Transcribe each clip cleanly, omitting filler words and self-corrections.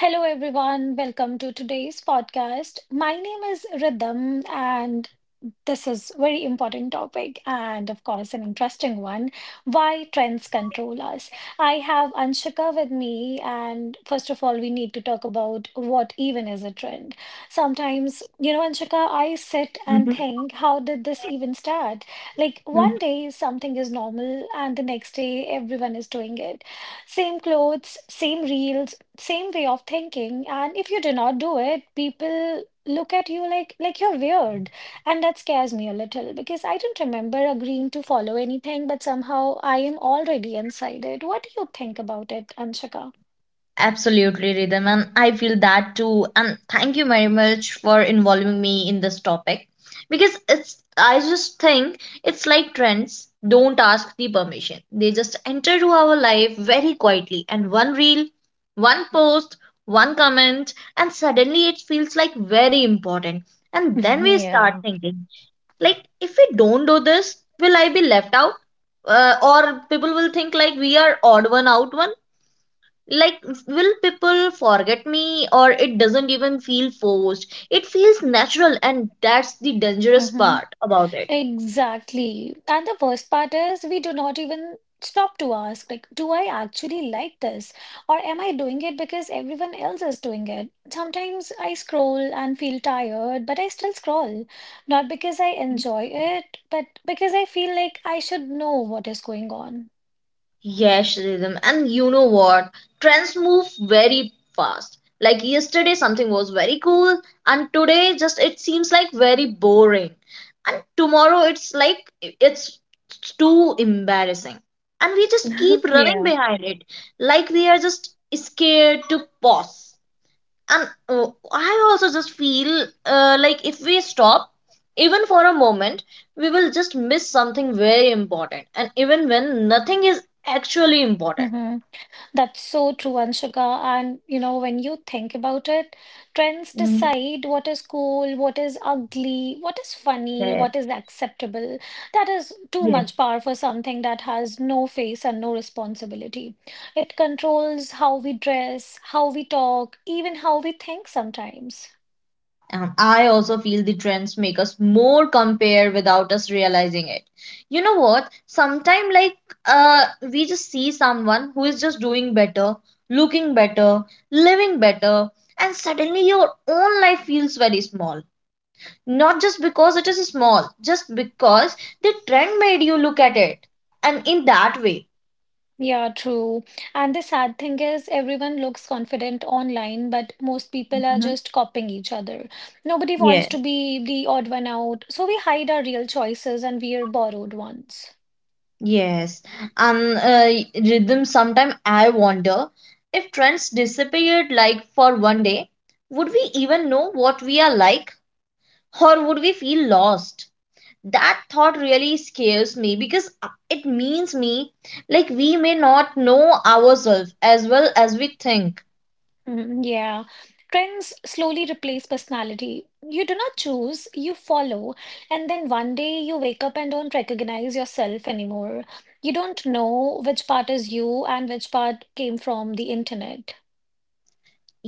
Hello, everyone. Welcome to today's podcast. My name is Rhythm, and this is very important topic and of course an interesting one. Why trends control us. I have Anshika with me and first of all we need to talk about what even is a trend. Sometimes, you know, Anshika, I sit and mhm, think, how did this even start? Like one mm. day something is normal and the next day everyone is doing it. Same clothes, same reels, same way of thinking, and if you do not do it, people look at you like you're weird and that scares me a little because I don't remember agreeing to follow anything, but somehow I am already inside it. What do you think about it, Anshika? Absolutely, Rhythm, and I feel that too. And thank you very much for involving me in this topic because it's I just think it's like trends don't ask the permission. They just enter to our life very quietly and one reel, one post, one comment, and suddenly it feels like very important. And then we start Yeah. thinking, like if we don't do this, will I be left out? Or people will think like we are odd one out one like will people forget me, or it doesn't even feel forced, it feels natural, and that's the dangerous Mm-hmm. part about it. Exactly. And the worst part is we do not even stop to ask, like, do I actually like this? Or am I doing it because everyone else is doing it? Sometimes I scroll and feel tired, but I still scroll. Not because I enjoy it, but because I feel like I should know what is going on. Yes, Rhythm, and you know what, trends move very fast. Like yesterday something was very cool, and today just it seems like very boring, and tomorrow it's like it's too embarrassing, and we just keep running Yeah. behind it like we are just scared to pause. And I also just feel like if we stop even for a moment, we will just miss something very important, and even when nothing is actually important. Mm-hmm. That's so true, Anshika. And you know, when you think about it, trends Mm, decide what is cool, what is ugly, what is funny, yeah, what is acceptable. That is too yes. much power for something that has no face and no responsibility. It controls how we dress, how we talk, even how we think sometimes. And I also feel the trends make us more compare without us realizing it. You know what? Sometimes, like, we just see someone who is just doing better, looking better, living better, and suddenly your own life feels very small. Not just because it is small, just because the trend made you look at it. And in that way, Yeah, true. And the sad thing is, everyone looks confident online, but most people are hmm. just copying each other. Nobody wants Yes. to be the odd one out, so we hide our real choices and we are borrowed ones. Yes, and Rhythm. Sometimes I wonder if trends disappeared like for one day, would we even know what we are like, or would we feel lost? That thought really scares me because it means me like we may not know ourselves as well as we think. Mhm, yeah. Trends slowly replace personality. You do not choose, you follow, and then one day you wake up and don't recognize yourself anymore. You don't know which part is you and which part came from the internet.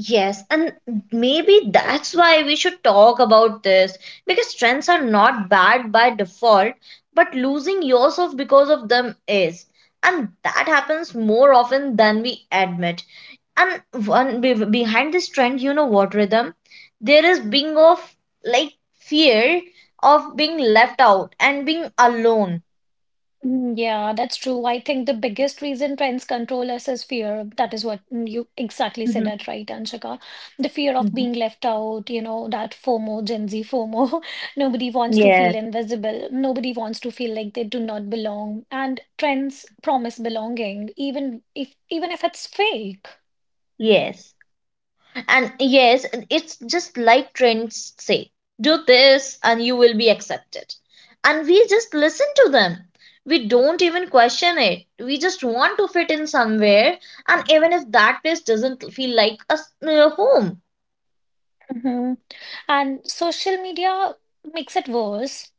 Yes, and maybe that's why we should talk about this because trends are not bad by default, but losing yourself because of them is. And that happens more often than we admit. And one behind this trend, you know what, Rhythm? There is being of like fear of being left out and being alone. Mm, yeah, that's true. I think the biggest reason trends control us is fear. That is what you exactly said Mhm, that right, Anshika. The fear of mhm. being left out, you know, that FOMO, Gen Z FOMO. Nobody wants to feel Yes, invisible. Nobody wants to feel like they do not belong. And trends promise belonging, even if it's fake. yes. And yes, it's just like trends say do this and you will be accepted. And we just listen to them. We don't even question it. We just want to fit in somewhere. And even if that place doesn't feel like a home. Mhm. And social media makes it worse.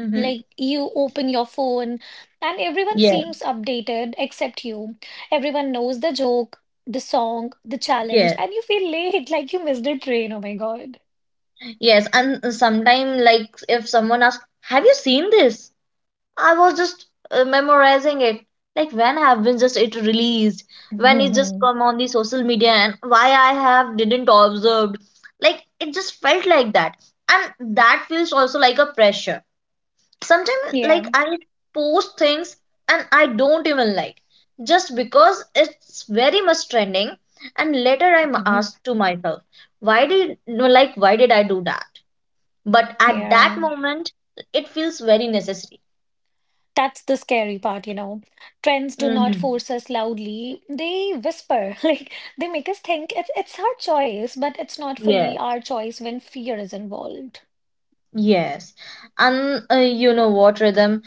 Hmm. Like you open your phone and everyone Yeah, seems updated except you. Everyone knows the joke, the song, the yeah. challenge, and you feel late like you missed a train. Oh my God. Yes. And sometimes, like, if someone asks, have you seen this? I was just memorizing it. Like when have been just it released, when it just Mhm. come on the social media, and why I have didn't observed. Like it just felt like that, and that feels also like a pressure. Sometimes like Yeah. I post things and I don't even like, just because it's very much trending, and later I'm Mhm. asked to myself, why did no, like why did I do that? But at that Yeah. moment, it feels very necessary. That's the scary part, you know. Trends do not Hmm. force us loudly. They whisper, like they make us think it's our choice, but it's not fully Yes. our choice when fear is involved. Yes. And you know what, Rhythm?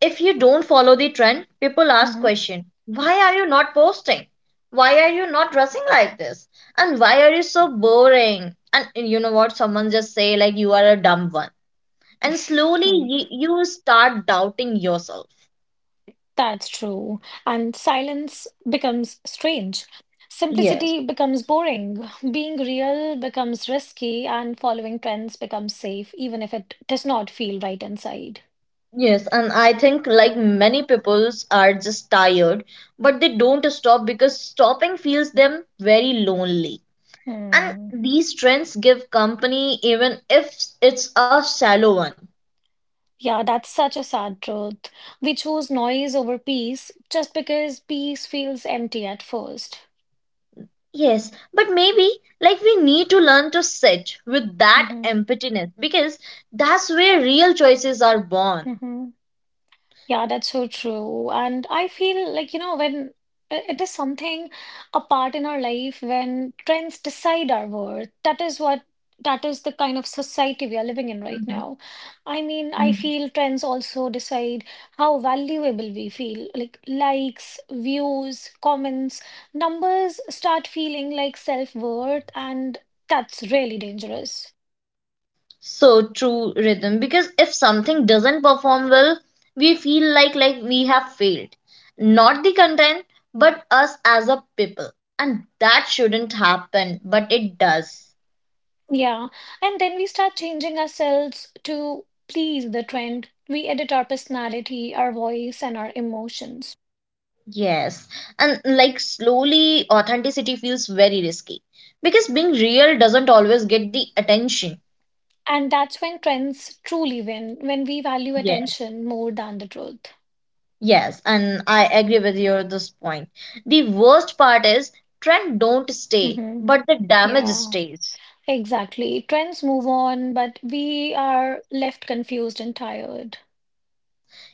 If you don't follow the trend, people ask Mm-hmm. question, why are you not posting? Why are you not dressing like this? And why are you so boring? And you know what? Someone just say like you are a dumb one. And slowly Mm-hmm. You start doubting yourself. That's true. And silence becomes strange. Yes. Simplicity becomes boring. Being real becomes risky, and following trends becomes safe, even if it does not feel right inside. Yes, and I think like many peoples are just tired, but they don't stop because stopping feels them very lonely. And Hmm. these trends give company even if it's a shallow one. Yeah, that's such a sad truth. We choose noise over peace just because peace feels empty at 1st. Yes, but maybe like we need to learn to sit with that Mm-hmm. emptiness because that's where real choices are born. Mm-hmm. Yeah, that's so true. And I feel like, you know, when it is something, a part in our life when trends decide our worth, that is the kind of society we are living in right Mhm. now. I mean, I Mm. feel trends also decide how valuable we feel, like likes, views, comments, numbers start feeling like self-worth, and that's really dangerous. So true, Rhythm, because if something doesn't perform well, we feel like we have failed. Not the content, but us as a people. And that shouldn't happen, but it does. Yeah, and then we start changing ourselves to please the trend. We edit our personality, our voice, and our emotions. Yes, and like slowly, authenticity feels very risky because being real doesn't always get the attention. And that's when trends truly win, when we value Yeah. attention more than the truth. Yes, and I agree with you at this point. The worst part is trend don't stay, Hmm. but the damage Yeah, stays. exactly. Trends move on, but we are left confused and tired.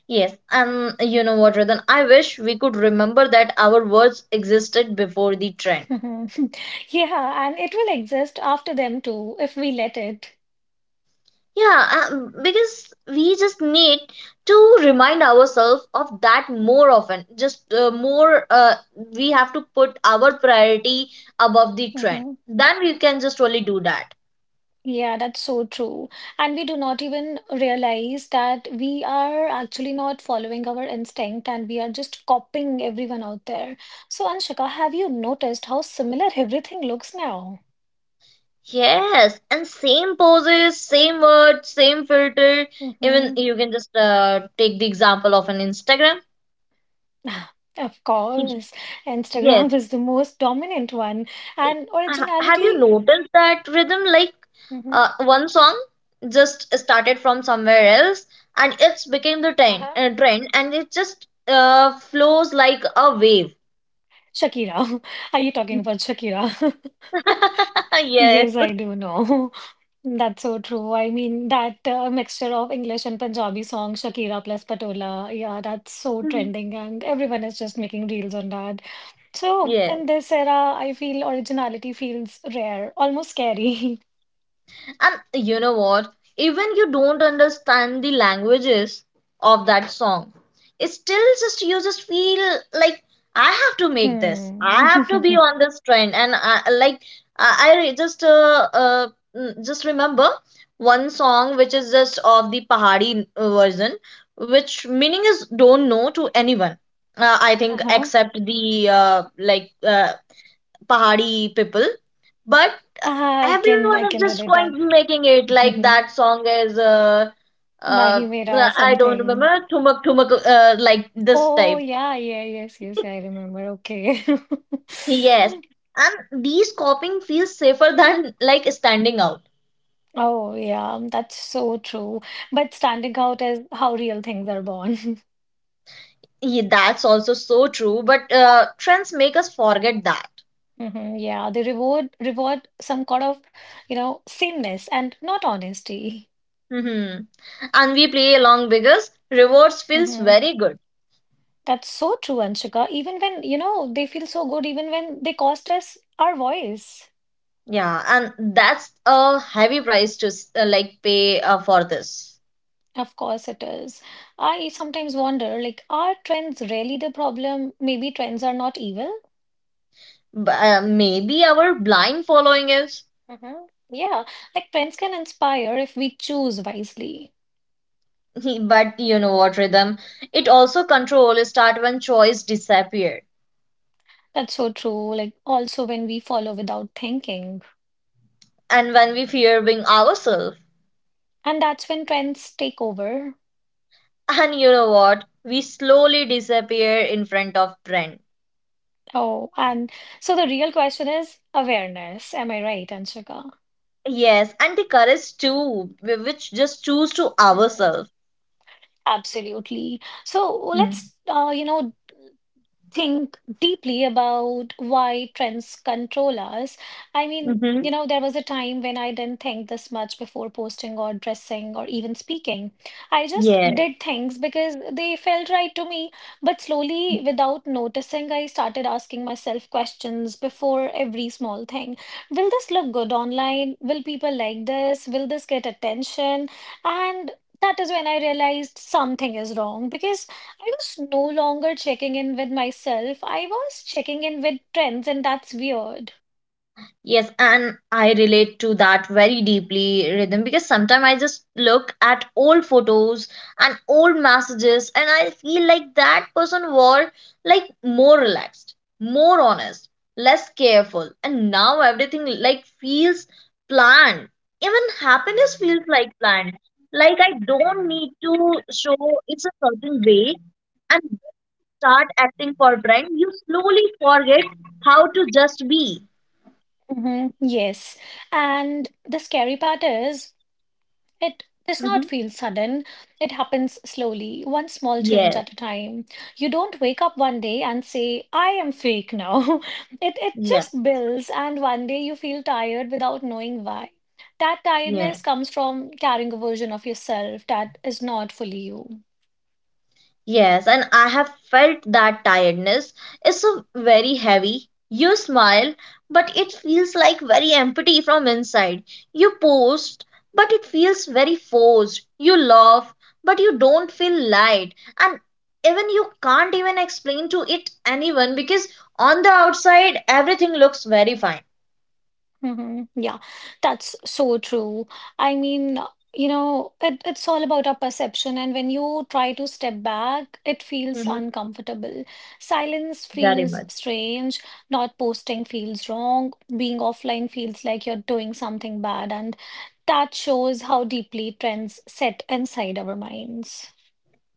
Yes, and you know what, Radhan? I wish we could remember that our words existed before the trend. Mhm. Yeah, and it will exist after them too, if we let it. Yeah, because we just need to remind ourselves of that more often. Just we have to put our priority above the trend. Mm-hmm. Then we can just only do that. Yeah, that's so true. And we do not even realize that we are actually not following our instinct and we are just copying everyone out there. So, Anshika, have you noticed how similar everything looks now? Yes, and same poses, same words, same filter. Even Mm-hmm. you can just take the example of an Instagram. Of course, Yes, Instagram is the most dominant one, and have you originality. noticed that, Rhythm? Like Mm-hmm. One song just started from somewhere else and it's became the trend, Uh-huh. trend, and it just flows like a wave. Shakira. Are you talking about Shakira? Yes. Yes, I do know. That's so true. I mean, that mixture of English and Punjabi song, Shakira plus Patola, yeah, that's so trending, and everyone is just making reels on that. So, Yeah. in this era, I feel originality feels rare, almost scary. And you know what? Even you don't understand the languages of that song, it still just you just feel like I have to make this. I Hmm. have to be on this trend. And I like I re- just uh mm, just remember one song which is just of the Pahari version, which meaning is don't know to anyone. I think Uh-huh. except the Pahari people, but Ah, I can everyone I is can just relate that. going making it like that song is Mahi uh Mera I don't remember something. thumak thumak like this Oh type. yeah, yeah, yes, yes, I remember. Okay. Yes, and these copying feels safer than like standing out. Oh, yeah, that's so true. But standing out is how real things are born. Yeah, that's also so true, but trends make us forget that. Hmm, yeah, they reward some kind of, you know, sameness and not honesty. Hmm. And we play along because rewards feels Hmm. very good. That's so true, Anshika. Even when, you know, they feel so good, even when they cost us our voice. Yeah, and that's a heavy price to like pay for this. Of course it is. I sometimes wonder, like, are trends really the problem? Maybe trends are not evil. But, maybe our blind following is. Hmm. Yeah, like trends can inspire if we choose wisely. But you know what, Rhythm, it also control start when choice disappear, That's so true. Like, also when we follow without thinking, and when we fear being ourselves, and that's when trends take over. and you know what, we slowly disappear in front of trend. Oh, and so the real question is awareness. Am I right, Anshika? Yes, and the courage too, which just choose to Mhm. ourselves. Absolutely. So let's, you know, think deeply about why trends control us. I mean, Mm-hmm. you know, there was a time when I didn't think this much before posting or dressing or even speaking. I just Yeah. did things because they felt right to me. But slowly, without noticing, I started asking myself questions before every small thing. Will this look good online? Will people like this? Will this get attention? And that is when I realized something is wrong because I was no longer checking in with myself. I was checking in with trends, and that's weird. Yes, and I relate to that very deeply, Rhythm, because sometimes I just look at old photos and old messages, and I feel like that person were like more relaxed, more honest, less careful, and now everything like feels planned. Even happiness feels like planned. Like I don't need to show it's a certain way, and start acting for brand. You slowly forget how to just be. Hmm. Yes. And the scary part is, it does not Mhm. feel sudden. It happens slowly, one small change Yes. at a time. You don't wake up one day and say, I am fake now. It Yeah, just builds, and one day you feel tired without knowing why. That yeah, tiredness comes from carrying a version of yourself that is not fully you. yes, and I have felt that tiredness is so very heavy. You smile, but it feels like very empty from inside. You post, but it feels very forced. You laugh, but you don't feel light. And even you can't even explain to it anyone because on the outside everything looks very fine. Hmm. Yeah, that's so true. I mean, you know, it's all about our perception, and when you try to step back, it feels Hmm. uncomfortable. Silence Very feels much. strange, not posting feels wrong, being offline feels like you're doing something bad, and that shows how deeply trends set inside our minds.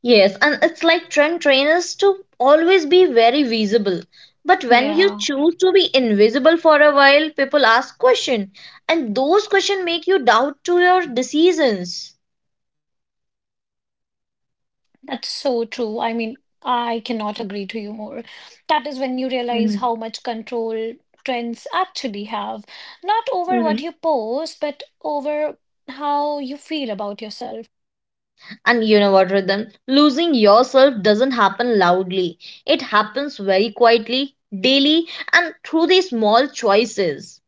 Yes, and it's like trend trainers to always be very visible. But when you Yeah. choose to be invisible for a while, people ask questions, and those questions make you doubt to your decisions. That's so true. I mean, I cannot agree to you more. That is when you realize Hmm. how much control trends actually have, not over Hmm. what you post, but over how you feel about yourself. And you know what, Rhythm? Losing yourself doesn't happen loudly. It happens very quietly, daily, and through these small choices.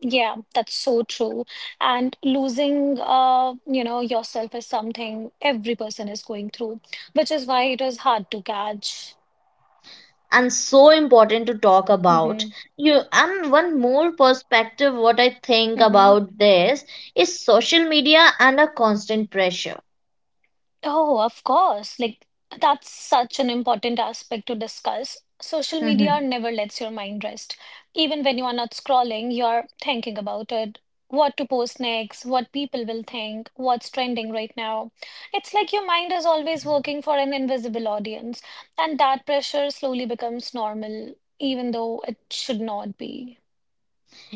Yeah, that's so true. And losing, you know, yourself is something every person is going through, which is why it is hard to catch. And so important to talk about, Mm-hmm. you, and one more perspective what I think Mm-hmm. about this is social media and a constant pressure. Oh, of course. Like, that's such an important aspect to discuss. Social media Mhm. never lets your mind rest. Even when you are not scrolling, you're thinking about it. What to post next, what people will think, what's trending right now. It's like your mind is always working for an invisible audience, and that pressure slowly becomes normal, even though it should not be.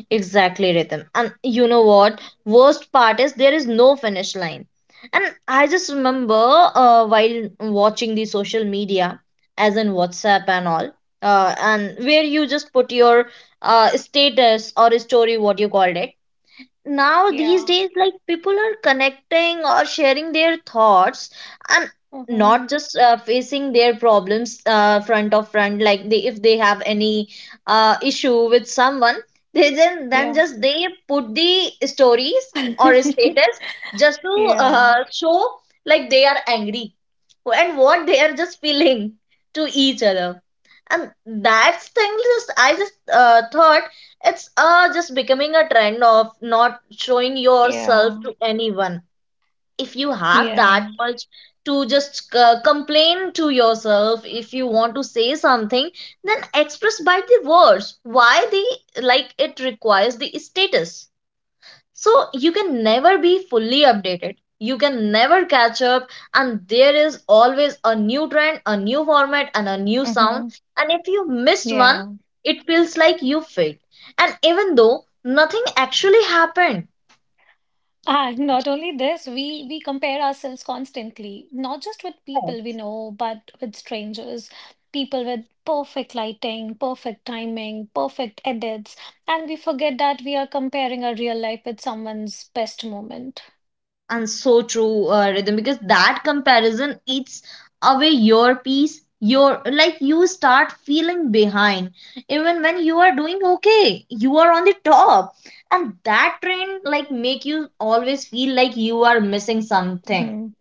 Exactly, Rhythm, and you know what, worst part is there is no finish line. And I just remember, while watching the social media as in WhatsApp and all, and where you just put your status or story, what you called it, now these Yeah. days like people are connecting or sharing their thoughts and Mm-hmm. not just facing their problems, front of front, like they, if they have any issue with someone, they then Yeah. just they put the stories or status just to Yeah. Show like they are angry and what they are just feeling to each other. And that's thing, just I just thought it's just becoming a trend of not showing Yeah. yourself to anyone. If you have that Yeah. much to just complain to yourself, if you want to say something, then express by the words. Why the like it requires the status? So you can never be fully updated. You can never catch up, and there is always a new trend, a new format, and a new sound. Mm-hmm. And if you missed one, Yeah. it feels like you failed. And even though nothing actually happened, Ah, not only this, we compare ourselves constantly, not just with people we know, but with strangers, people with perfect lighting, perfect timing, perfect edits, and we forget that we are comparing our real life with someone's best moment. and so true, Rhythm, because that comparison eats away your peace, your like you start feeling behind even when you are doing okay, you are on the top, and that trend like make you always feel like you are missing something. Mhm.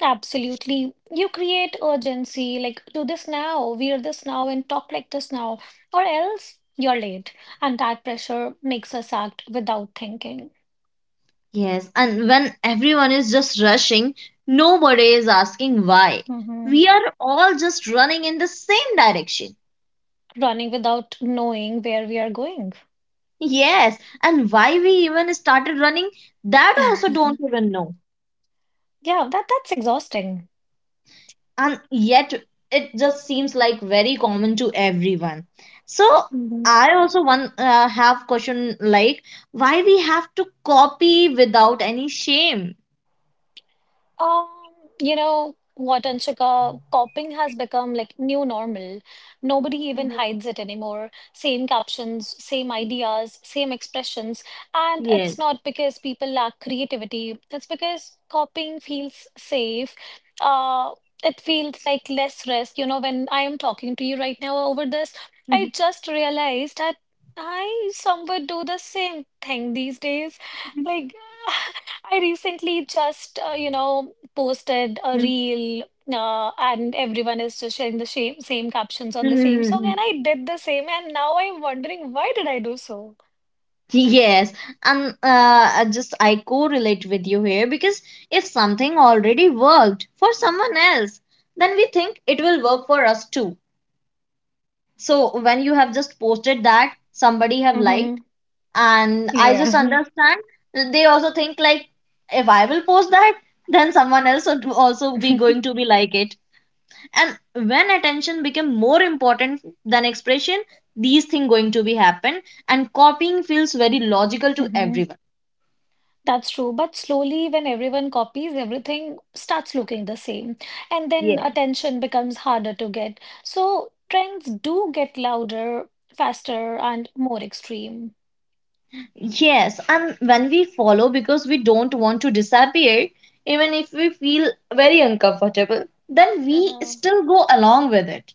Absolutely. You create urgency, like do this now, wear this now, and talk like this now, or else you're late. And that pressure makes us act without thinking. Yes, and when everyone is just rushing, nobody is asking why. We are all just running in the same direction. Running without knowing where we are going. Yes, and why we even started running, that Yeah, also don't even know. that's exhausting. And yet it just seems like very common to everyone. So I also one have question, like why we have to copy without any shame. Um, you know what, Anshika, coping has become like new normal. Nobody even Mhm. hides it anymore. Same captions, same ideas, same expressions. And Yes. it's not because people lack creativity, it's because copying feels safe. Uh, it feels like less risk. You know, when I am talking to you right now over this, Mhm. I just realized that I somewhat do the same thing these days. Like, I recently just, you know, posted a reel and everyone is just sharing the same, same captions on the same song Mm, and I did the same and now I'm wondering why did I do so? yes, and I just I correlate with you here because if something already worked for someone else, then we think it will work for us too. So when you have just posted that somebody have liked, Hmm. and I Yeah. just understand they also think like if I will post that, then someone else would also be going to be like it. And when attention became more important than expression, these things going to be happen, and copying feels very logical to Hmm. everyone. That's true. But slowly when everyone copies, everything starts looking the same. And then Yeah. attention becomes harder to get. So trends do get louder, faster, and more extreme. Yes, and when we follow because we don't want to disappear, even if we feel very uncomfortable, then we Hmm. still go along with it.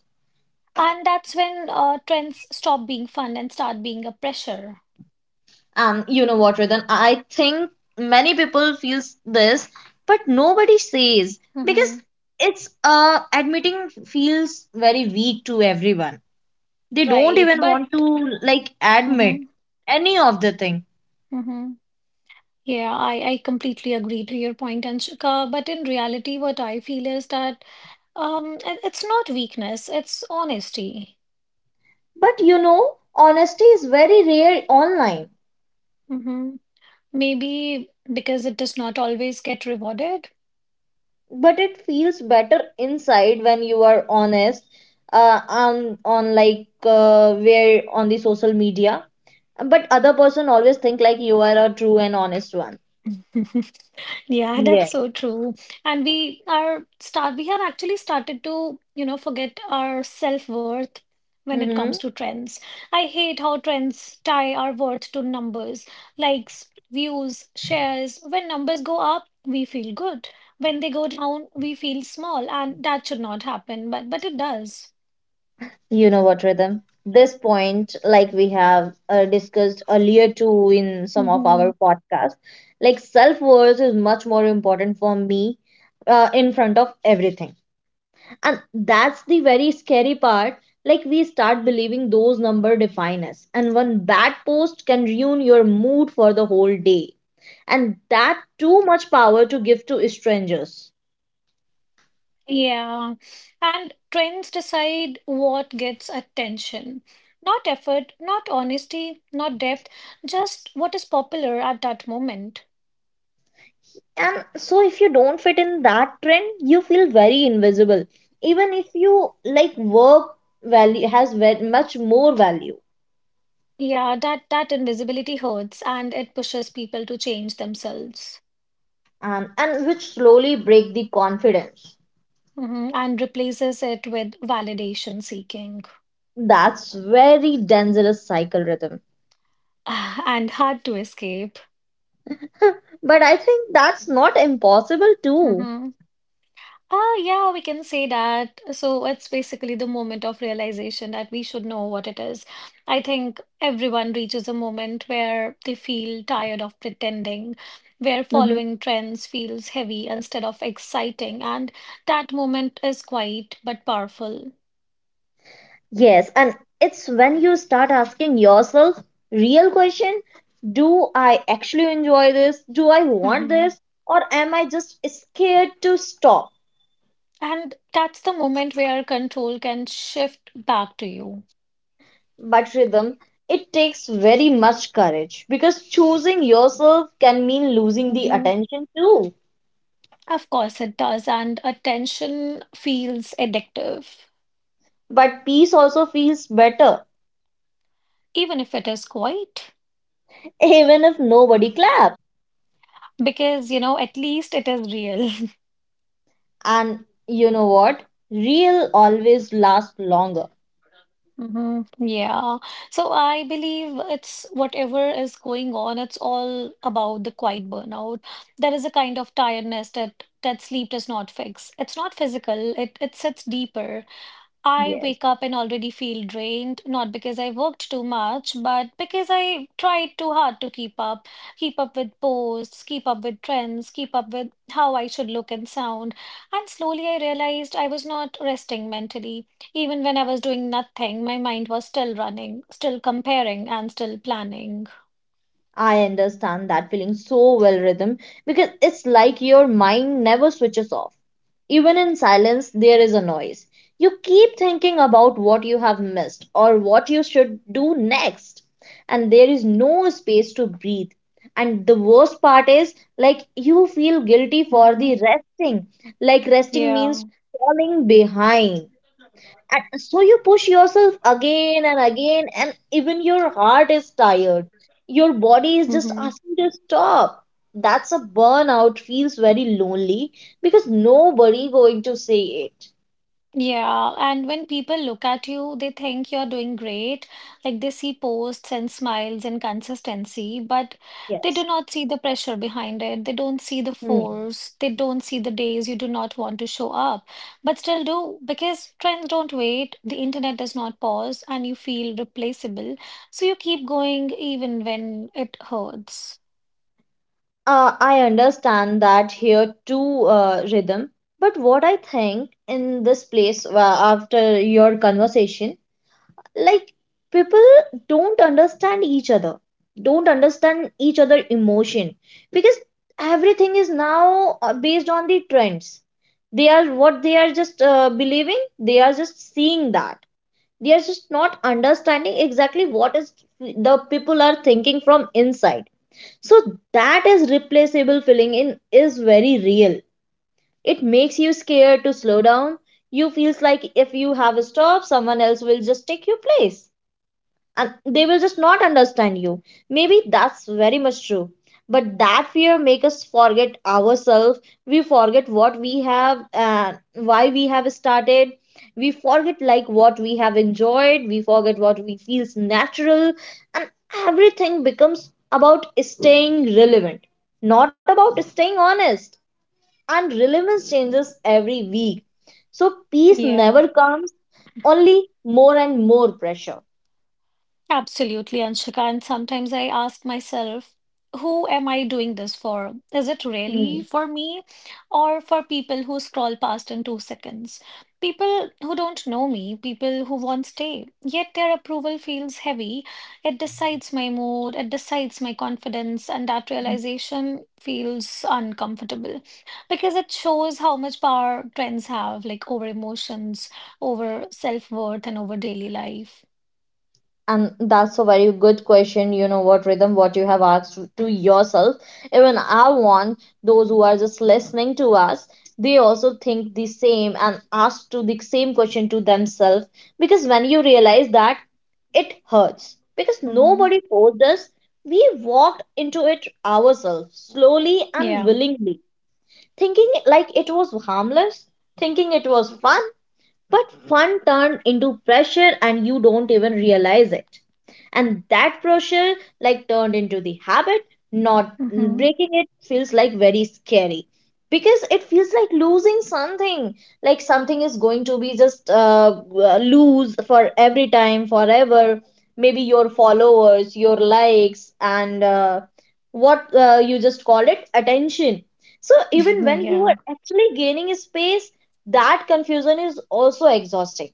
And that's when trends stop being fun and start being a pressure. And you know what, Ritan? I think many people feels this, but nobody says because Hmm. it's admitting feels very weak to everyone. They don't Right, even want but to like admit mhm, any of the thing. mhm. Yeah, I completely agree to your point, Anshika. But in reality, what I feel is that it's not weakness, it's honesty. But you know, honesty is very rare online. Hmm. Maybe because it does not always get rewarded. But it feels better inside when you are honest on like where on the social media. But other person always think like you are a true and honest one. Yeah, Yeah. that's so true. And we have actually started to, you know, forget our self-worth when it Mm-hmm. comes to trends. I hate how trends tie our worth to numbers, likes, views, shares. When numbers go up, we feel good. When they go down, we feel small, and that should not happen, but it does. You know what, Rhythm? This point, like we have discussed earlier too in some of Mm-hmm. our podcasts, like self worth is much more important for me in front of everything. And that's the very scary part. Like we start believing those numbers define us, and one bad post can ruin your mood for the whole day. And that too much power to give to strangers. Yeah, and trends decide what gets attention. Not effort, not honesty, not depth, just what is popular at that moment. And so if you don't fit in that trend, you feel very invisible. Even if you like work value has very much more value, Yeah, that invisibility hurts and it pushes people to change themselves. and which slowly break the confidence. Mhm, and replaces it with validation seeking That's very dangerous cycle rhythm. and hard to escape. But I think that's not impossible too. Mhm. Yeah, we can say that. So it's basically the moment of realization that we should know what it is. I think everyone reaches a moment where they feel tired of pretending, where Mhm. following trends feels heavy instead of exciting, and that moment is quiet but powerful. Yes, and it's when you start asking yourself real question, do I actually enjoy this? Do I want Hmm. this? Or am I just scared to stop? And that's the moment where control can shift back to you. But rhythm, it takes very much courage because choosing yourself can mean losing the Hmm. attention too. Of course, it does, and attention feels addictive, But peace also feels better, even if it is quiet. even if nobody claps. Because, at least it is real. And you know what? Real always lasts longer. hmm. Yeah. So I believe it's whatever is going on, it's all about the quiet burnout. There is a kind of tiredness that sleep does not fix. It's not physical, it sits deeper. I Yes, wake up and already feel drained, not because I worked too much, but because I tried too hard to keep up with posts, keep up with trends, keep up with how I should look and sound. And slowly I realized I was not resting mentally. Even when I was doing nothing, my mind was still running, still comparing, and still planning. I understand that feeling so well, rhythm, because it's like your mind never switches off. Even in silence, there is a noise. You keep thinking about what you have missed or what you should do next, and there is no space to breathe. And the worst part is, like, you feel guilty for Hmm. the resting. Like, resting Yeah. means falling behind. And so you push yourself again and again, and even your heart is tired. Your body is just Mm-hmm. asking to stop. That's a burnout, feels very lonely because nobody going to say it. Yeah, and when people look at you, they think you're doing great. Like they see posts and smiles and consistency, but they do Yes. not see the pressure behind it. They don't see the Hmm. force. They don't see the days you do not want to show up, but still do because trends don't wait. The internet does not pause, and you feel replaceable. So you keep going even when it hurts. I understand that here too, Rhythm. But what I think in this place, after your conversation, like people don't understand each other, don't understand each other emotion, because everything is now based on the trends. They are what they are, just believing, they are just seeing that, they are just not understanding exactly what is the people are thinking from inside. So that is replaceable feeling in is very real. It makes you scared to slow down. You feels like if you have a stop, someone else will just take your place, and they will just not understand you. Maybe that's very much true, but that fear makes us forget ourselves. We forget what we have and why we have started. We forget like what we have enjoyed, we forget what we feels natural. And everything becomes about staying relevant, not about staying honest. And relevance changes every week, so peace Yeah. never comes, only more and more pressure. Absolutely, Anshika. And sometimes I ask myself, who am I doing this for? Is it really Hmm. for me or for people who scroll past in 2 seconds? People who don't know me, people who won't stay, yet their approval feels heavy. It decides my mood, it decides my confidence, and that realization feels uncomfortable because it shows how much power trends have, like over emotions, over self-worth, and over daily life. And that's a very good question. You know what, Rhythm, what you have asked to yourself. Even I want those who are just listening to us, they also think the same and ask to the same question to themselves. Because when you realize that it hurts, because Hmm. nobody forced us, we walked into it ourselves, slowly and Yeah. willingly, thinking like it was harmless, thinking it was fun, but fun turned into pressure and you don't even realize it. And that pressure like turned into the habit, not Mm-hmm. breaking it feels like very scary because it feels like losing something, like something is going to be just lose for every time, forever. Maybe your followers, your likes, and what you just call it attention. So even when you are Yeah. actually gaining space, that confusion is also exhausting.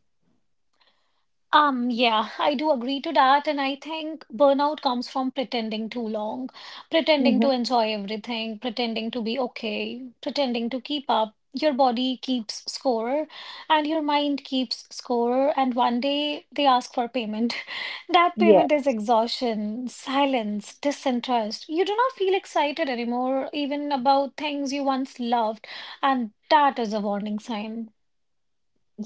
Yeah, I do agree to that, and I think burnout comes from pretending too long, pretending to Mm-hmm. enjoy everything, pretending to be okay, pretending to keep up. Your body keeps score, and your mind keeps score, and one day they ask for payment. That payment is exhaustion, silence, disinterest. You do not feel excited anymore, even about things you once loved, and that is a warning sign.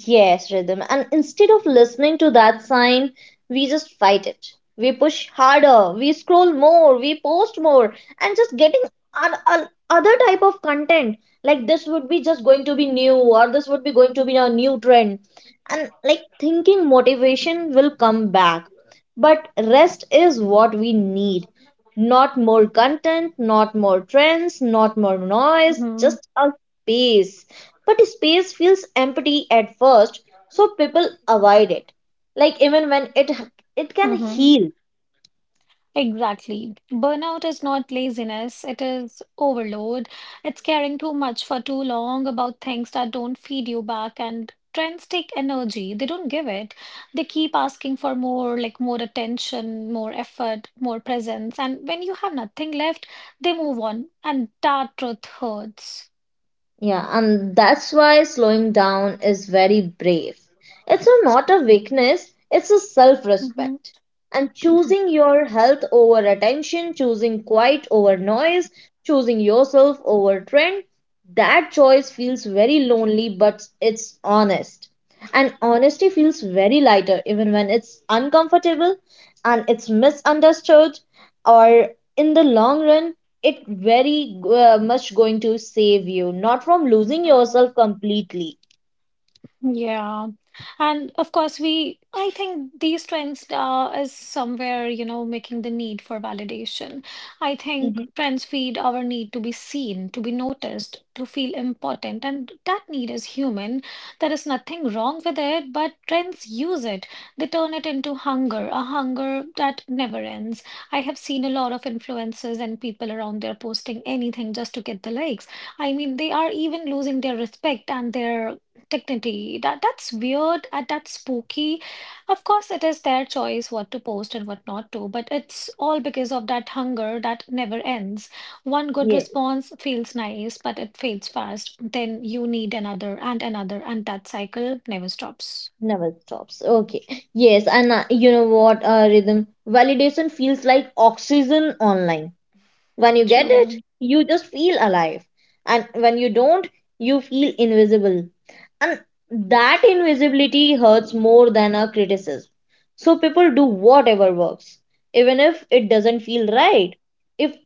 Yes, rhythm. And instead of listening to that sign, we just fight it. We push harder, we scroll more, we post more, and just getting an other type of content. Like this would be just going to be new, or this would be going to be a new trend. And like thinking motivation will come back. But rest is what we need. Not more content, not more trends, not more noise, Mm-hmm. just a space. But space feels empty at first, so people avoid it, like even when it can heal. Exactly. Burnout is not laziness, it is overload. It's caring too much for too long about things that don't feed you back. And trends take energy, they don't give it. They keep asking for more, like more attention, more effort, more presence. And when you have nothing left, they move on. And that truth hurts. Yeah, and that's why slowing down is very brave. It's not a weakness, it's a self Hmm. respect. And choosing your health over attention, choosing quiet over noise, choosing yourself over trend, that choice feels very lonely, but it's honest. And honesty feels very lighter, even when it's uncomfortable and it's misunderstood, or in the long run, it very much going to save you, not from losing yourself completely. Yeah. And of course, I think these trends is somewhere, making the need for validation. I think Mhm. trends feed our need to be seen, to be noticed, to feel important. And that need is human. There is nothing wrong with it, but trends use it. They turn it into hunger, a hunger that never ends. I have seen a lot of influencers and people around there posting anything just to get the likes. I mean, they are even losing their respect and their dignity. That's weird and that's spooky. Of course, it is their choice what to post and what not to, but it's all because of that hunger that never ends. One good Yeah, response feels nice, but it fades fast. Then you need another and another, and that cycle never stops. never stops. Okay. Yes, and you know what, Rhythm? Validation feels like oxygen online. When you get it, True. you just feel alive. And when you don't, you feel invisible. And that invisibility hurts more than a criticism. So people do whatever works, even if it doesn't feel right, if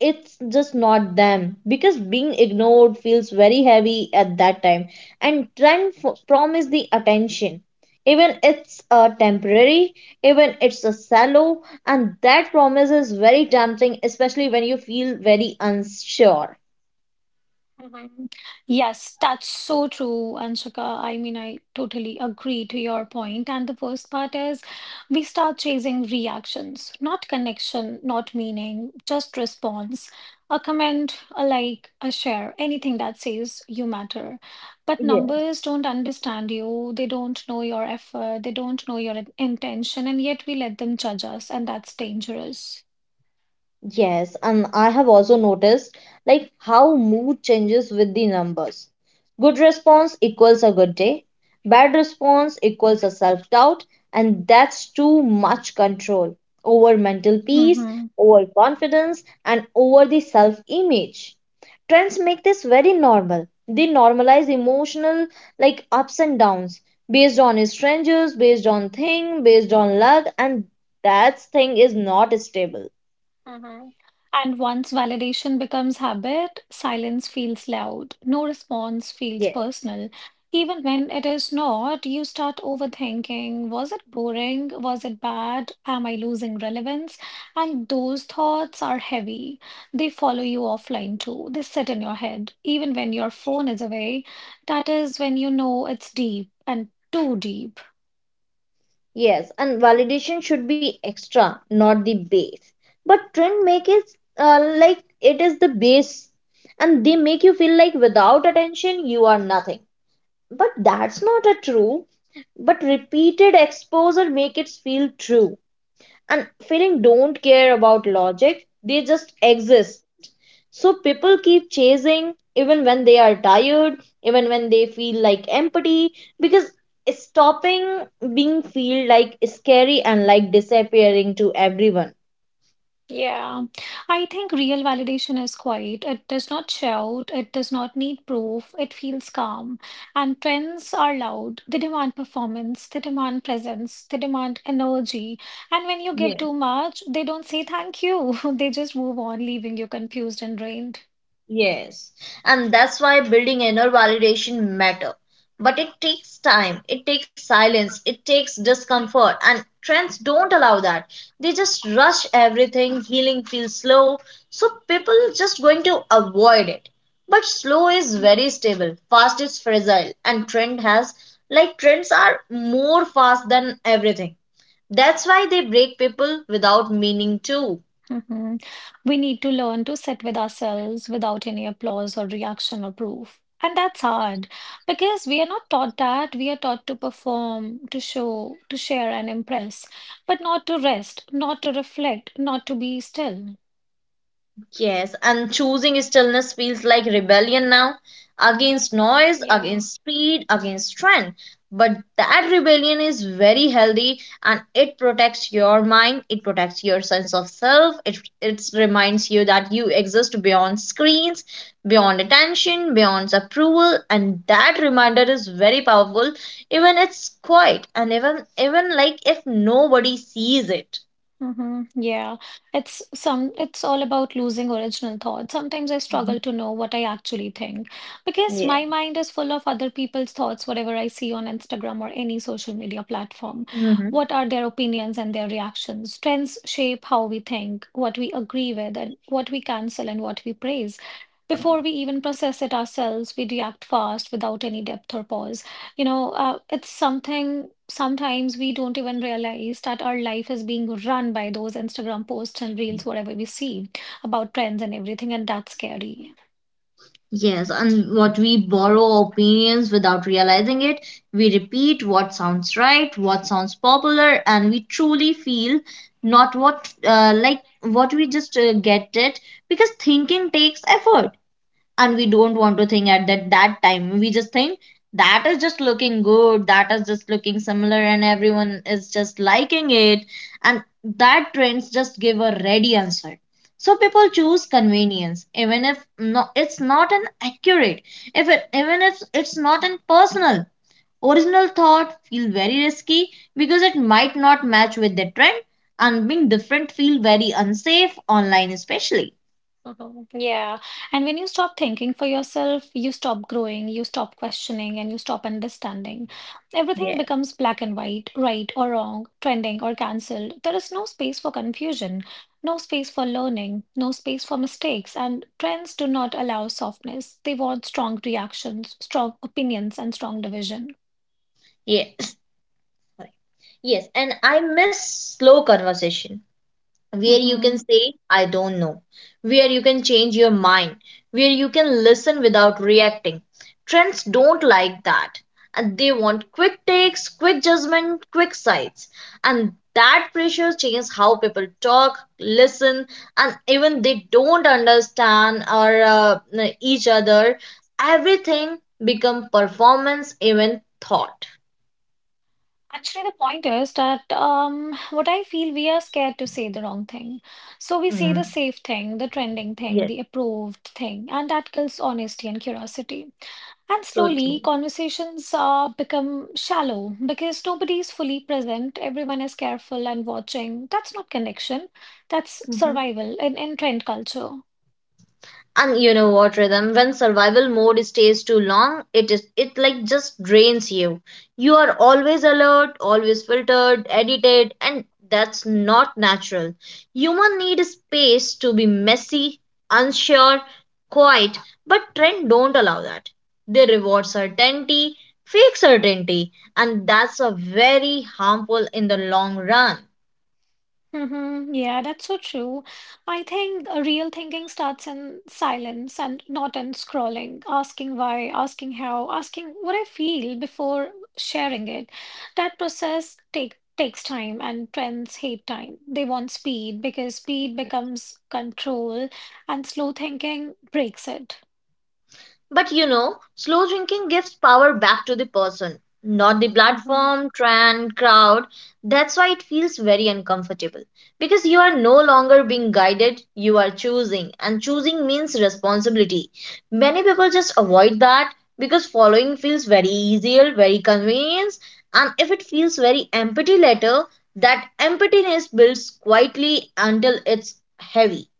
it's just not them, because being ignored feels very heavy at that time. And trend promise the attention, even it's a temporary, even it's a shallow, and that promise is very tempting, especially when you feel very unsure. Mhm. Yes, that's so true, Anshika. I mean, I totally agree to your point. And the worst part is we start chasing reactions, not connection, not meaning, just response. A comment, a like, a share, anything that says you matter. But numbers don't understand you. They don't know your effort. They don't know your intention. And yet we let them judge us, and that's dangerous. Yes, and I have also noticed like how mood changes with the numbers. Good response equals a good day, bad response equals a self-doubt, and that's too much control over mental peace, Hmm. over confidence, and over the self-image. Trends make this very normal. They normalize emotional like ups and downs based on strangers, based on thing, based on luck, and that thing is not stable. Hmm. And once validation becomes habit, silence feels loud. No response feels personal. Even when it is not, you start overthinking. Was it boring? Was it bad? Am I losing relevance? And those thoughts are heavy. They follow you offline too. They sit in your head. Even when your phone is away, that is when you know it's deep and too deep. Yes, and validation should be extra, not the base. But trend make it like it is the base, and they make you feel like without attention you are nothing. But that's not a true. But repeated exposure make it feel true, and feeling don't care about logic, they just exist. So people keep chasing even when they are tired, even when they feel like empty, because stopping being feel like scary and like disappearing to everyone. Yeah, I think real validation is quiet. It does not shout, it does not need proof, it feels calm. And trends are loud. They demand performance, they demand presence, they demand energy. And when you give too much, they don't say thank you. They just move on, leaving you confused and drained. Yes, and that's why building inner validation matter. But it takes time, it takes silence, it takes discomfort, and trends don't allow that. They just rush everything, healing feels slow, so people just going to avoid it. But slow is very stable, fast is fragile, and trend has like trends are more fast than everything. That's why they break people without meaning to. Mhm. We need to learn to sit with ourselves without any applause or reaction or proof. And that's hard because we are not taught that. We are taught to perform, to show, to share and impress, but not to rest, not to reflect, not to be still. Yes, and choosing stillness feels like rebellion now against noise, Yeah. against speed, against trend. But that rebellion is very healthy and it protects your mind, it protects your sense of self, it reminds you that you exist beyond screens, beyond attention, beyond approval, and that reminder is very powerful, even it's quiet and even like if nobody sees it. Mm-hmm. Yeah, it's all about losing original thought. Sometimes I Mhm. struggle to know what I actually think because Yeah. my mind is full of other people's thoughts, whatever I see on Instagram or any social media platform. Mhm. What are their opinions and their reactions? Trends shape how we think, what we agree with, and what we cancel and what we praise. Before we even process it ourselves, we react fast without any depth or pause. You know, it's something sometimes we don't even realize that our life is being run by those Instagram posts and reels, whatever we see about trends and everything, and that's scary. Yes, and what we borrow opinions without realizing it, we repeat what sounds right, what sounds popular, and we truly feel not what like what we just get it. Because thinking takes effort, and we don't want to think at that time, we just think that is just looking good, that is just looking similar, and everyone is just liking it. And that trends just give a ready answer, so people choose convenience even if no, it's not an accurate, if it even if it's not an personal, original thought feel very risky because it might not match with the trend, and being different feel very unsafe online especially. Mhm. Yeah. And when you stop thinking for yourself, you stop growing, you stop questioning, and you stop understanding. Everything Yeah. becomes black and white, right or wrong, trending or cancelled. There is no space for confusion, no space for learning, no space for mistakes. And trends do not allow softness. They want strong reactions, strong opinions, and strong division. Yes, Yes, and I miss slow conversation where you can Mm-hmm. say, I don't know, where you can change your mind, where you can listen without reacting. Trends don't like that. And they want quick takes, quick judgment, quick sides. And that pressure changes how people talk, listen, and even they don't understand or each other. Everything become performance, even thought. Actually, the point is that what I feel we are scared to say the wrong thing. So we say the Mm, safe thing, the trending thing, Yes, the approved thing, and that kills honesty and curiosity. And so slowly, true. conversations become shallow because nobody is fully present. Everyone is careful and watching. That's not connection, that's Mhm. survival in trend culture. And you know what, rhythm? When survival mode stays too long, it like just drains you. You are always alert, always filtered, edited, and that's not natural. Human need space to be messy, unsure, quiet, but trend don't allow that. They reward certainty, fake certainty, and that's a very harmful in the long run. Mm-hmm. Yeah, that's so true. I think a real thinking starts in silence and not in scrolling, asking why, asking how, asking what I feel before sharing it. That process takes time and trends hate time. They want speed because speed becomes control and slow thinking breaks it. But you know, slow drinking gives power back to the person, not the Mm-hmm. platform, trend, crowd. That's why it feels very uncomfortable. Because you are no longer being guided, you are choosing, and choosing means responsibility. Many people just avoid that because following feels very easier, very convenient, and if it feels very empty later, that emptiness builds quietly until it's heavy.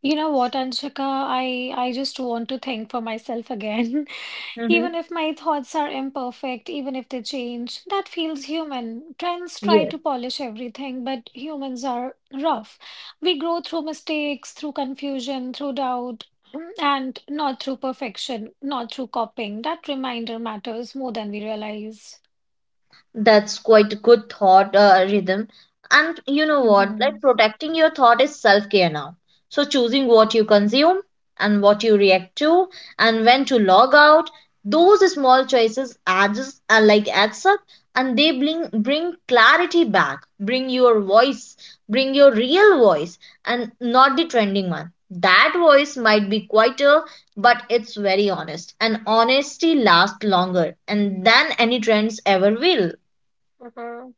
You know what, Anshika? I just want to think for myself again. Mm-hmm. Even if my thoughts are imperfect, even if they change, that feels human. Trends try to polish everything, but humans are rough. We grow through mistakes, through confusion, through doubt, and not through perfection, not through copying. That reminder matters more than we realize. That's quite a good thought rhythm. And you know what? Like Mhm. protecting your thought is self care now. So choosing what you consume and what you react to and when to log out, those small choices adds adds up and they bring clarity back. Bring your voice, bring your real voice and not the trending one. That voice might be quieter, but it's very honest. And honesty lasts longer and than any trends ever will. Mhm.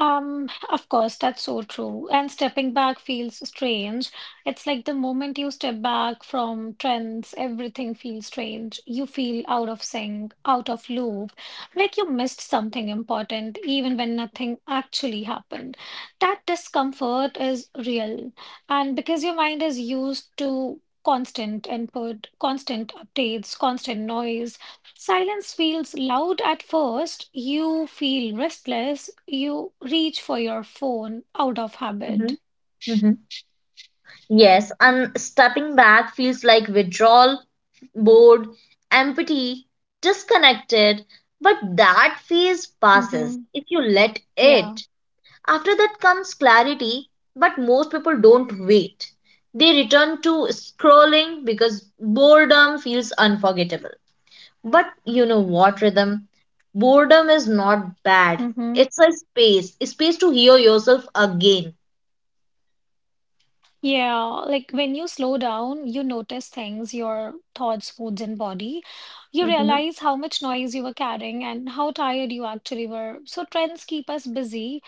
Of course, that's so true. And stepping back feels strange. It's like the moment you step back from trends, everything feels strange. You feel out of sync, out of loop, like you missed something important, even when nothing actually happened. That discomfort is real. And because your mind is used to constant input, constant updates, constant noise. Silence feels loud at first. You feel restless. You reach for your phone out of Mhm, habit. mhm. Yes, and stepping back feels like withdrawal, bored, empty, disconnected, but that phase passes Mm-hmm. if you let Yeah. it. After that comes clarity, but most people don't wait. They return to scrolling because boredom feels unforgettable. But you know what, Rhythm? Boredom is not bad. Mm-hmm. It's a space to hear yourself again. Yeah. Like when you slow down, you notice things, your thoughts, moods, and body. You realize how much noise you were carrying and how tired you actually were. So trends keep us busy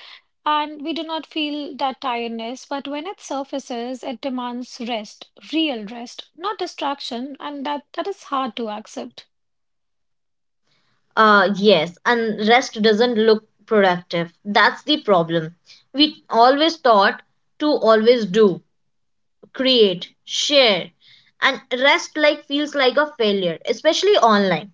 and we do not feel that tiredness. But when it surfaces, it demands rest, real rest, not distraction. And that is hard to accept. Yes, and rest doesn't look productive. That's the problem. We always thought to always do, create, share, and rest like feels like a failure, especially online,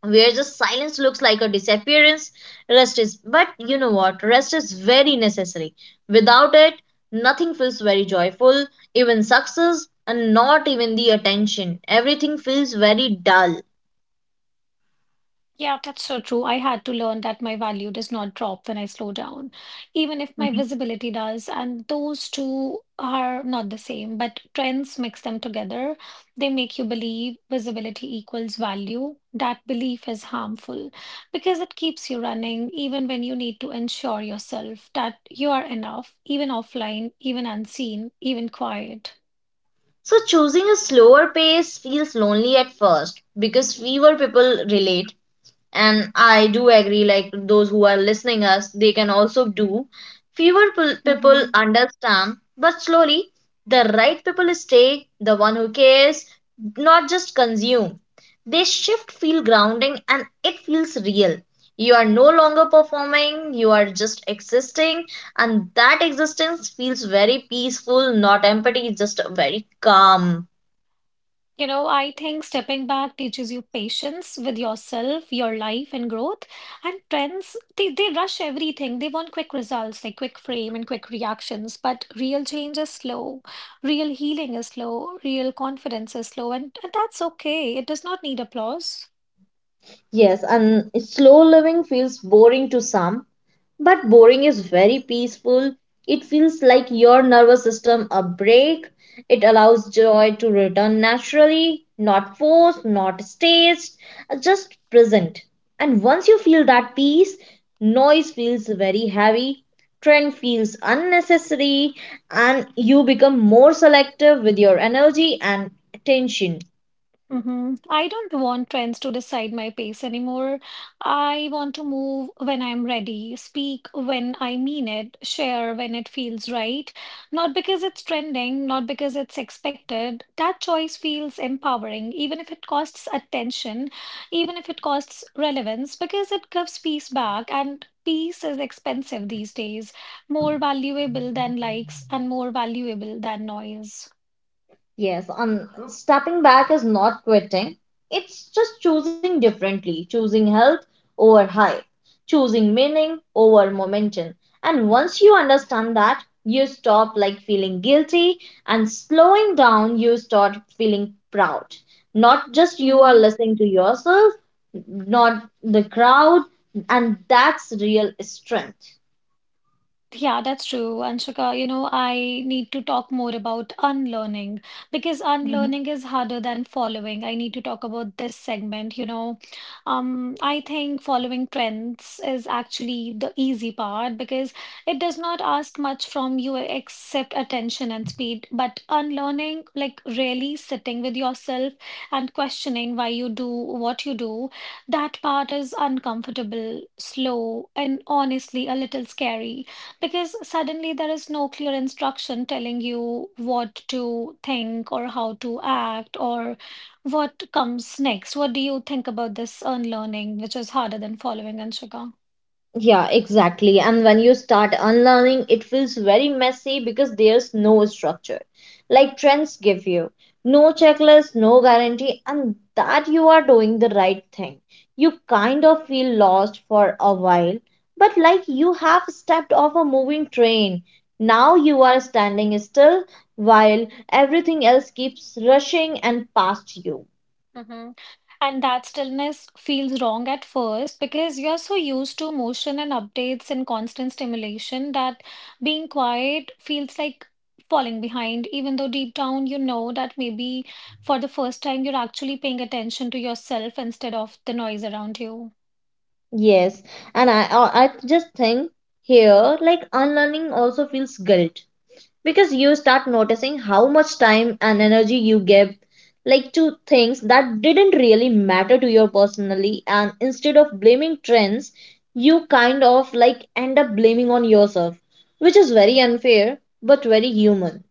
where the silence looks like a disappearance. Rest is, but you know what? Rest is very necessary. Without it, nothing feels very joyful, even success, and not even the attention. Everything feels very dull. Yeah, that's so true. I had to learn that my value does not drop when I slow down, even if my visibility does. And those two are not the same, but trends mix them together. They make you believe visibility equals value. That belief is harmful because it keeps you running, even when you need to ensure yourself that you are enough, even offline, even unseen, even quiet. So choosing a slower pace feels lonely at first because fewer people relate, and I do agree like those who are listening us they can also do people Mm-hmm. understand, but slowly the right people stay, the one who cares, not just consume. They shift, feel grounding, and it feels real. You are no longer performing, you are just existing, and that existence feels very peaceful, not empty, just very calm. You know, I think stepping back teaches you patience with yourself, your life, and growth. And trends, they rush everything. They want quick results, like quick frame and quick reactions. But real change is slow. Real healing is slow. Real confidence is slow. And that's okay. It does not need applause. Yes, and slow living feels boring to some. But boring is very peaceful. It feels like your nervous system a break. It allows joy to return naturally, not forced, not staged, just present. And once you feel that peace, noise feels very heavy, trend feels unnecessary, and you become more selective with your energy and attention. I don't want trends to decide my pace anymore. I want to move when I'm ready, speak when I mean it, share when it feels right. Not because it's trending, not because it's expected. That choice feels empowering, even if it costs attention, even if it costs relevance, because it gives peace back. And peace is expensive these days, more valuable than likes and more valuable than noise. Yes, stepping back is not quitting. It's just choosing differently, choosing health over hype, choosing meaning over momentum. And once you understand that, you stop like feeling guilty and slowing down, you start feeling proud. Not just you are Mhm. listening to yourself, not the crowd, and that's real strength. Yeah, that's true, Anshika. I need to talk more about unlearning because unlearning is harder than following. I need to talk about this segment. I think following trends is actually the easy part because it does not ask much from you except attention and speed. But unlearning, like really sitting with yourself and questioning why you do what you do, that part is uncomfortable, slow, and honestly a little scary. Because suddenly there is no clear instruction telling you what to think or how to act or what comes next. What do you think about this unlearning, which is harder than following, Anshika? Yeah, exactly. And when you start unlearning, it feels very messy because there's no structure. Like trends give you no checklist, no guarantee, and that you are doing the right thing. You kind of feel lost for a while, but like you have stepped off a moving train. Now you are standing still while everything else keeps rushing and past you. And that stillness feels wrong at first because you're so used to motion and updates and constant stimulation that being quiet feels like falling behind, even though deep down you know that maybe for the first time you're actually paying attention to yourself instead of the noise around you. Yes, and I just think here like unlearning also feels guilt because you start noticing how much time and energy you give like to things that didn't really matter to you personally, and instead of blaming trends you kind of like end up blaming on yourself, which is very unfair but very human.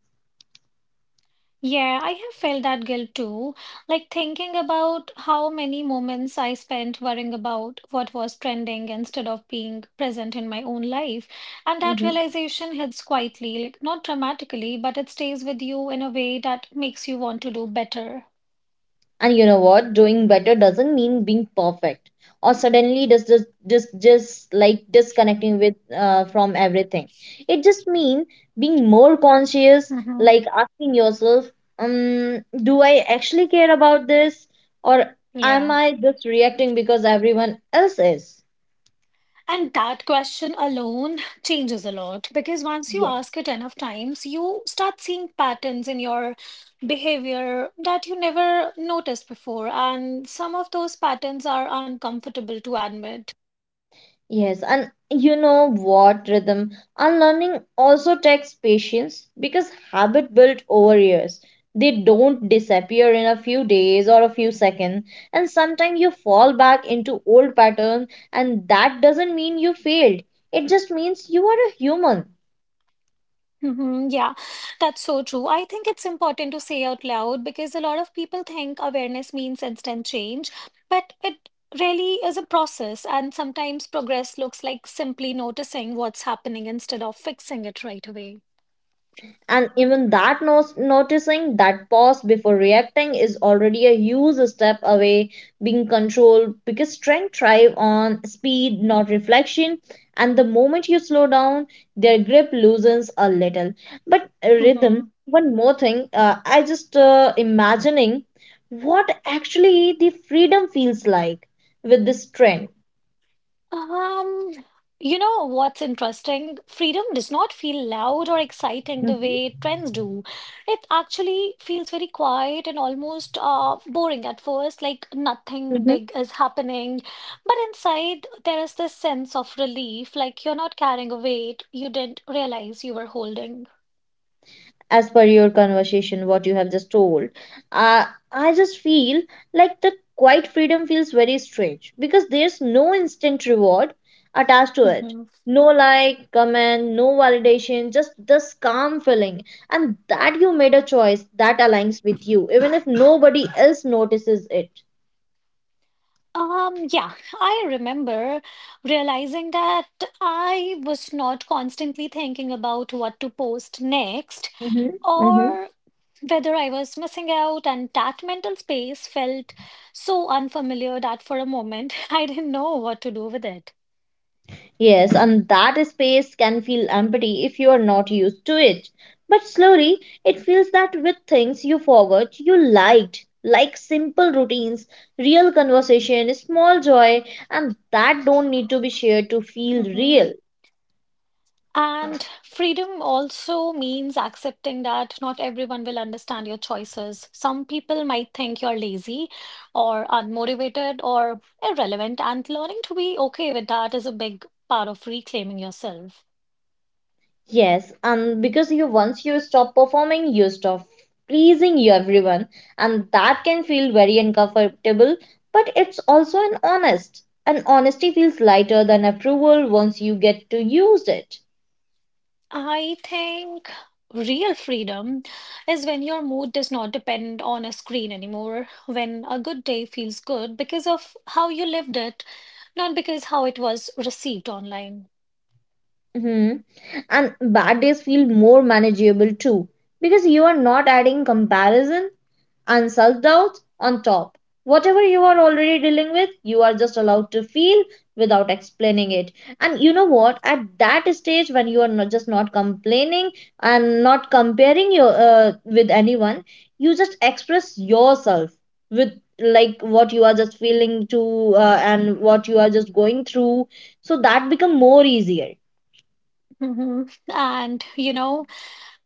Yeah, I have felt that guilt too. Like thinking about how many moments I spent worrying about what was trending instead of being present in my own life. And that realization hits quietly, like not dramatically, but it stays with you in a way that makes you want to do better. And you know what? Doing better doesn't mean being perfect or suddenly just like disconnecting with from everything. It just means being more conscious, Mm-hmm. like asking yourself, do I actually care about this, or am Yeah. I just reacting because everyone else is? And that question alone changes a lot because once you ask it enough times, you start seeing patterns in your behavior that you never noticed before. And some of those patterns are uncomfortable to admit. Yes, and you know what, Rhythm? Unlearning also takes patience because habit built over years. They don't disappear in a few days or a few seconds. And sometimes you fall back into old patterns, and that doesn't mean you failed. It just means you are a human. Yeah, that's so true. I think it's important to say out loud because a lot of people think awareness means instant change, but it really is a process. And sometimes progress looks like simply noticing what's happening instead of fixing it right away. And even that noticing that pause before reacting is already a huge step away being controlled because strength thrive on speed not reflection, and the moment you slow down their grip loosens a little. But rhythm, hmm one more thing, I just imagining what actually the freedom feels like with this trend. Um, you know what's interesting? Freedom does not feel loud or exciting the Mhm. way trends do. It actually feels very quiet and almost boring at first, like nothing big is happening. But inside, there is this sense of relief, like you're not carrying a weight you didn't realize you were holding. As per your conversation, what you have just told, I just feel like the quiet freedom feels very strange because there's no instant reward attached to it. Mhm. No like, comment, no validation, just this calm feeling. And that you made a choice that aligns with you, even if nobody else notices it. Yeah, I remember realizing that I was not constantly thinking about what to post next Mm-hmm. or whether I was missing out, and that mental space felt so unfamiliar that for a moment I didn't know what to do with it. Yes, and that space can feel empty if you are not used to it. But slowly, it feels that with things you forgot, you liked, like simple routines, real conversation, small joy, and that don't need to be shared to feel Mhm. real. And freedom also means accepting that not everyone will understand your choices. Some people might think you're lazy or unmotivated or irrelevant, and learning to be okay with that is a big part of reclaiming yourself. Yes, and because you once you stop performing, you stop pleasing you everyone, and that can feel very uncomfortable, but it's also an honest. And honesty feels lighter than approval once you get to use it. I think real freedom is when your mood does not depend on a screen anymore, when a good day feels good because of how you lived it, not because how it was received online. Hmm. And bad days feel more manageable too because you are not adding comparison and self doubt on top. Whatever you are already dealing with, you are just allowed to feel without explaining it. And you know what? At that stage, when you are not just not complaining and not comparing your with anyone, you just express yourself with like what you are just feeling to and what you are just going through. So that become more easier. Mhm. And you know,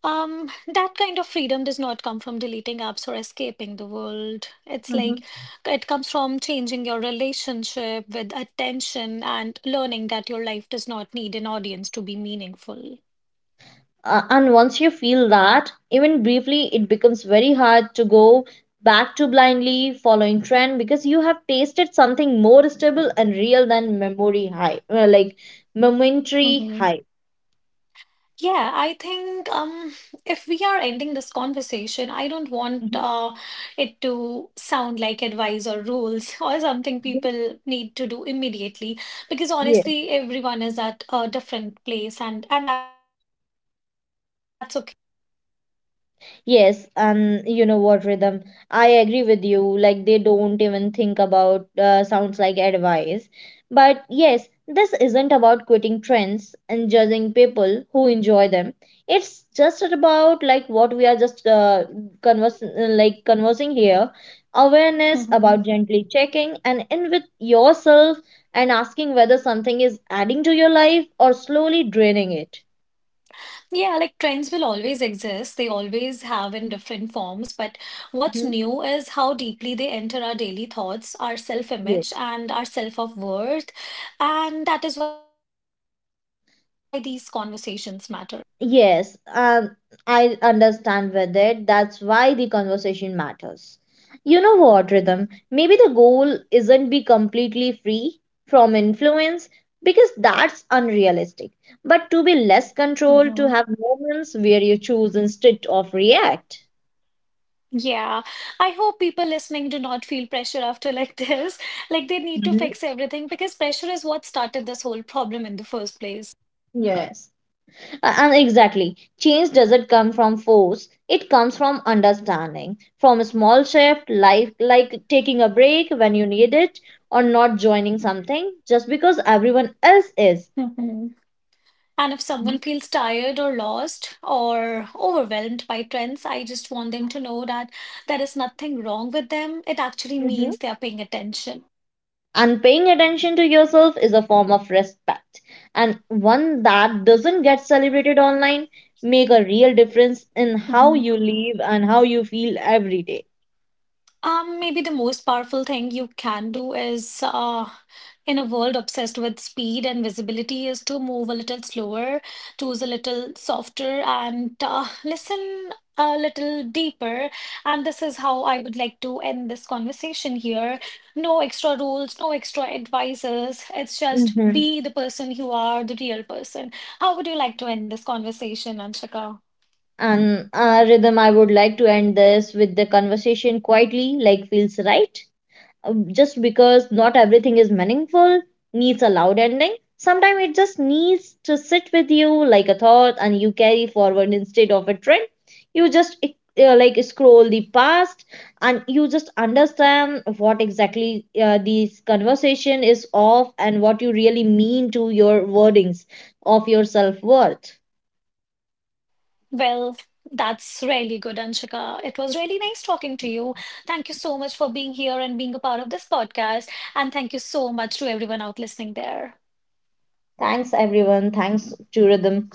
Um, that kind of freedom does not come from deleting apps or escaping the world. It's like it comes from changing your relationship with attention and learning that your life does not need an audience to be meaningful. And once you feel that, even briefly, it becomes very hard to go back to blindly following trend because you have tasted something more stable and real than memory high, like momentary Mm-hmm. high. Yeah, I think if we are ending this conversation, I don't want it to sound like advice or rules or something Mhm. people need to do immediately because honestly, everyone is at a different place and that's Yes, and you know what, Rhythm? I agree with you. Like, they don't even think about sounds like advice. But yes, this isn't about quitting trends and judging people who enjoy them. It's just about like what we are just conversing here. Awareness okay. about gently checking and in with yourself and asking whether something is adding to your life or slowly draining it. Yeah, like trends will always exist. They always have in different forms. But what's Mhm. new is how deeply they enter our daily thoughts, our Yes. self-image, and our self-of-worth. And that is why these conversations matter. Yes, I understand with it. That's why the conversation matters. You know what, Rhythm? Maybe the goal isn't be completely free from influence because that's unrealistic, but to be less controlled, to hmm have moments where you choose instead of react. Yeah, I hope people listening do not feel pressure after like this. Like they need to Mhm. fix everything because pressure is what started this whole problem in the first place. Yes. And exactly, change doesn't come from force, it comes from understanding, from a small shift, like taking a break when you need it, or not joining something just because everyone else is. hmm And if someone Mhm. feels tired or lost or overwhelmed by trends, I just want them to know that there is nothing wrong with them. It actually Mhm. means they are paying attention. And paying attention to yourself is a form of respect, and one that doesn't get celebrated online. Make a real difference in how Mhm. you live and how you feel every day. Maybe the most powerful thing you can do is, in a world obsessed with speed and visibility, is to move a little slower, choose a little softer, and listen a little deeper. And this is how I would like to end this conversation here. No extra rules, no extra advices. It's just Mhm. be the person you are, the real person. How would you like to end this conversation, Anshika? And Rhythm, I would like to end this with the conversation quietly, like feels right. Just because not everything is meaningful, needs a loud ending. Sometimes it just needs to sit with you like a thought and you carry forward instead of a trend. You just scroll the past and you just understand what exactly this conversation is of and what you really mean to your wordings of your self worth. Well, that's really good, Anshika. It was really nice talking to you. Thank you so much for being here and being a part of this podcast. And thank you so much to everyone out listening there. Thanks, everyone. Thanks to Rhythm.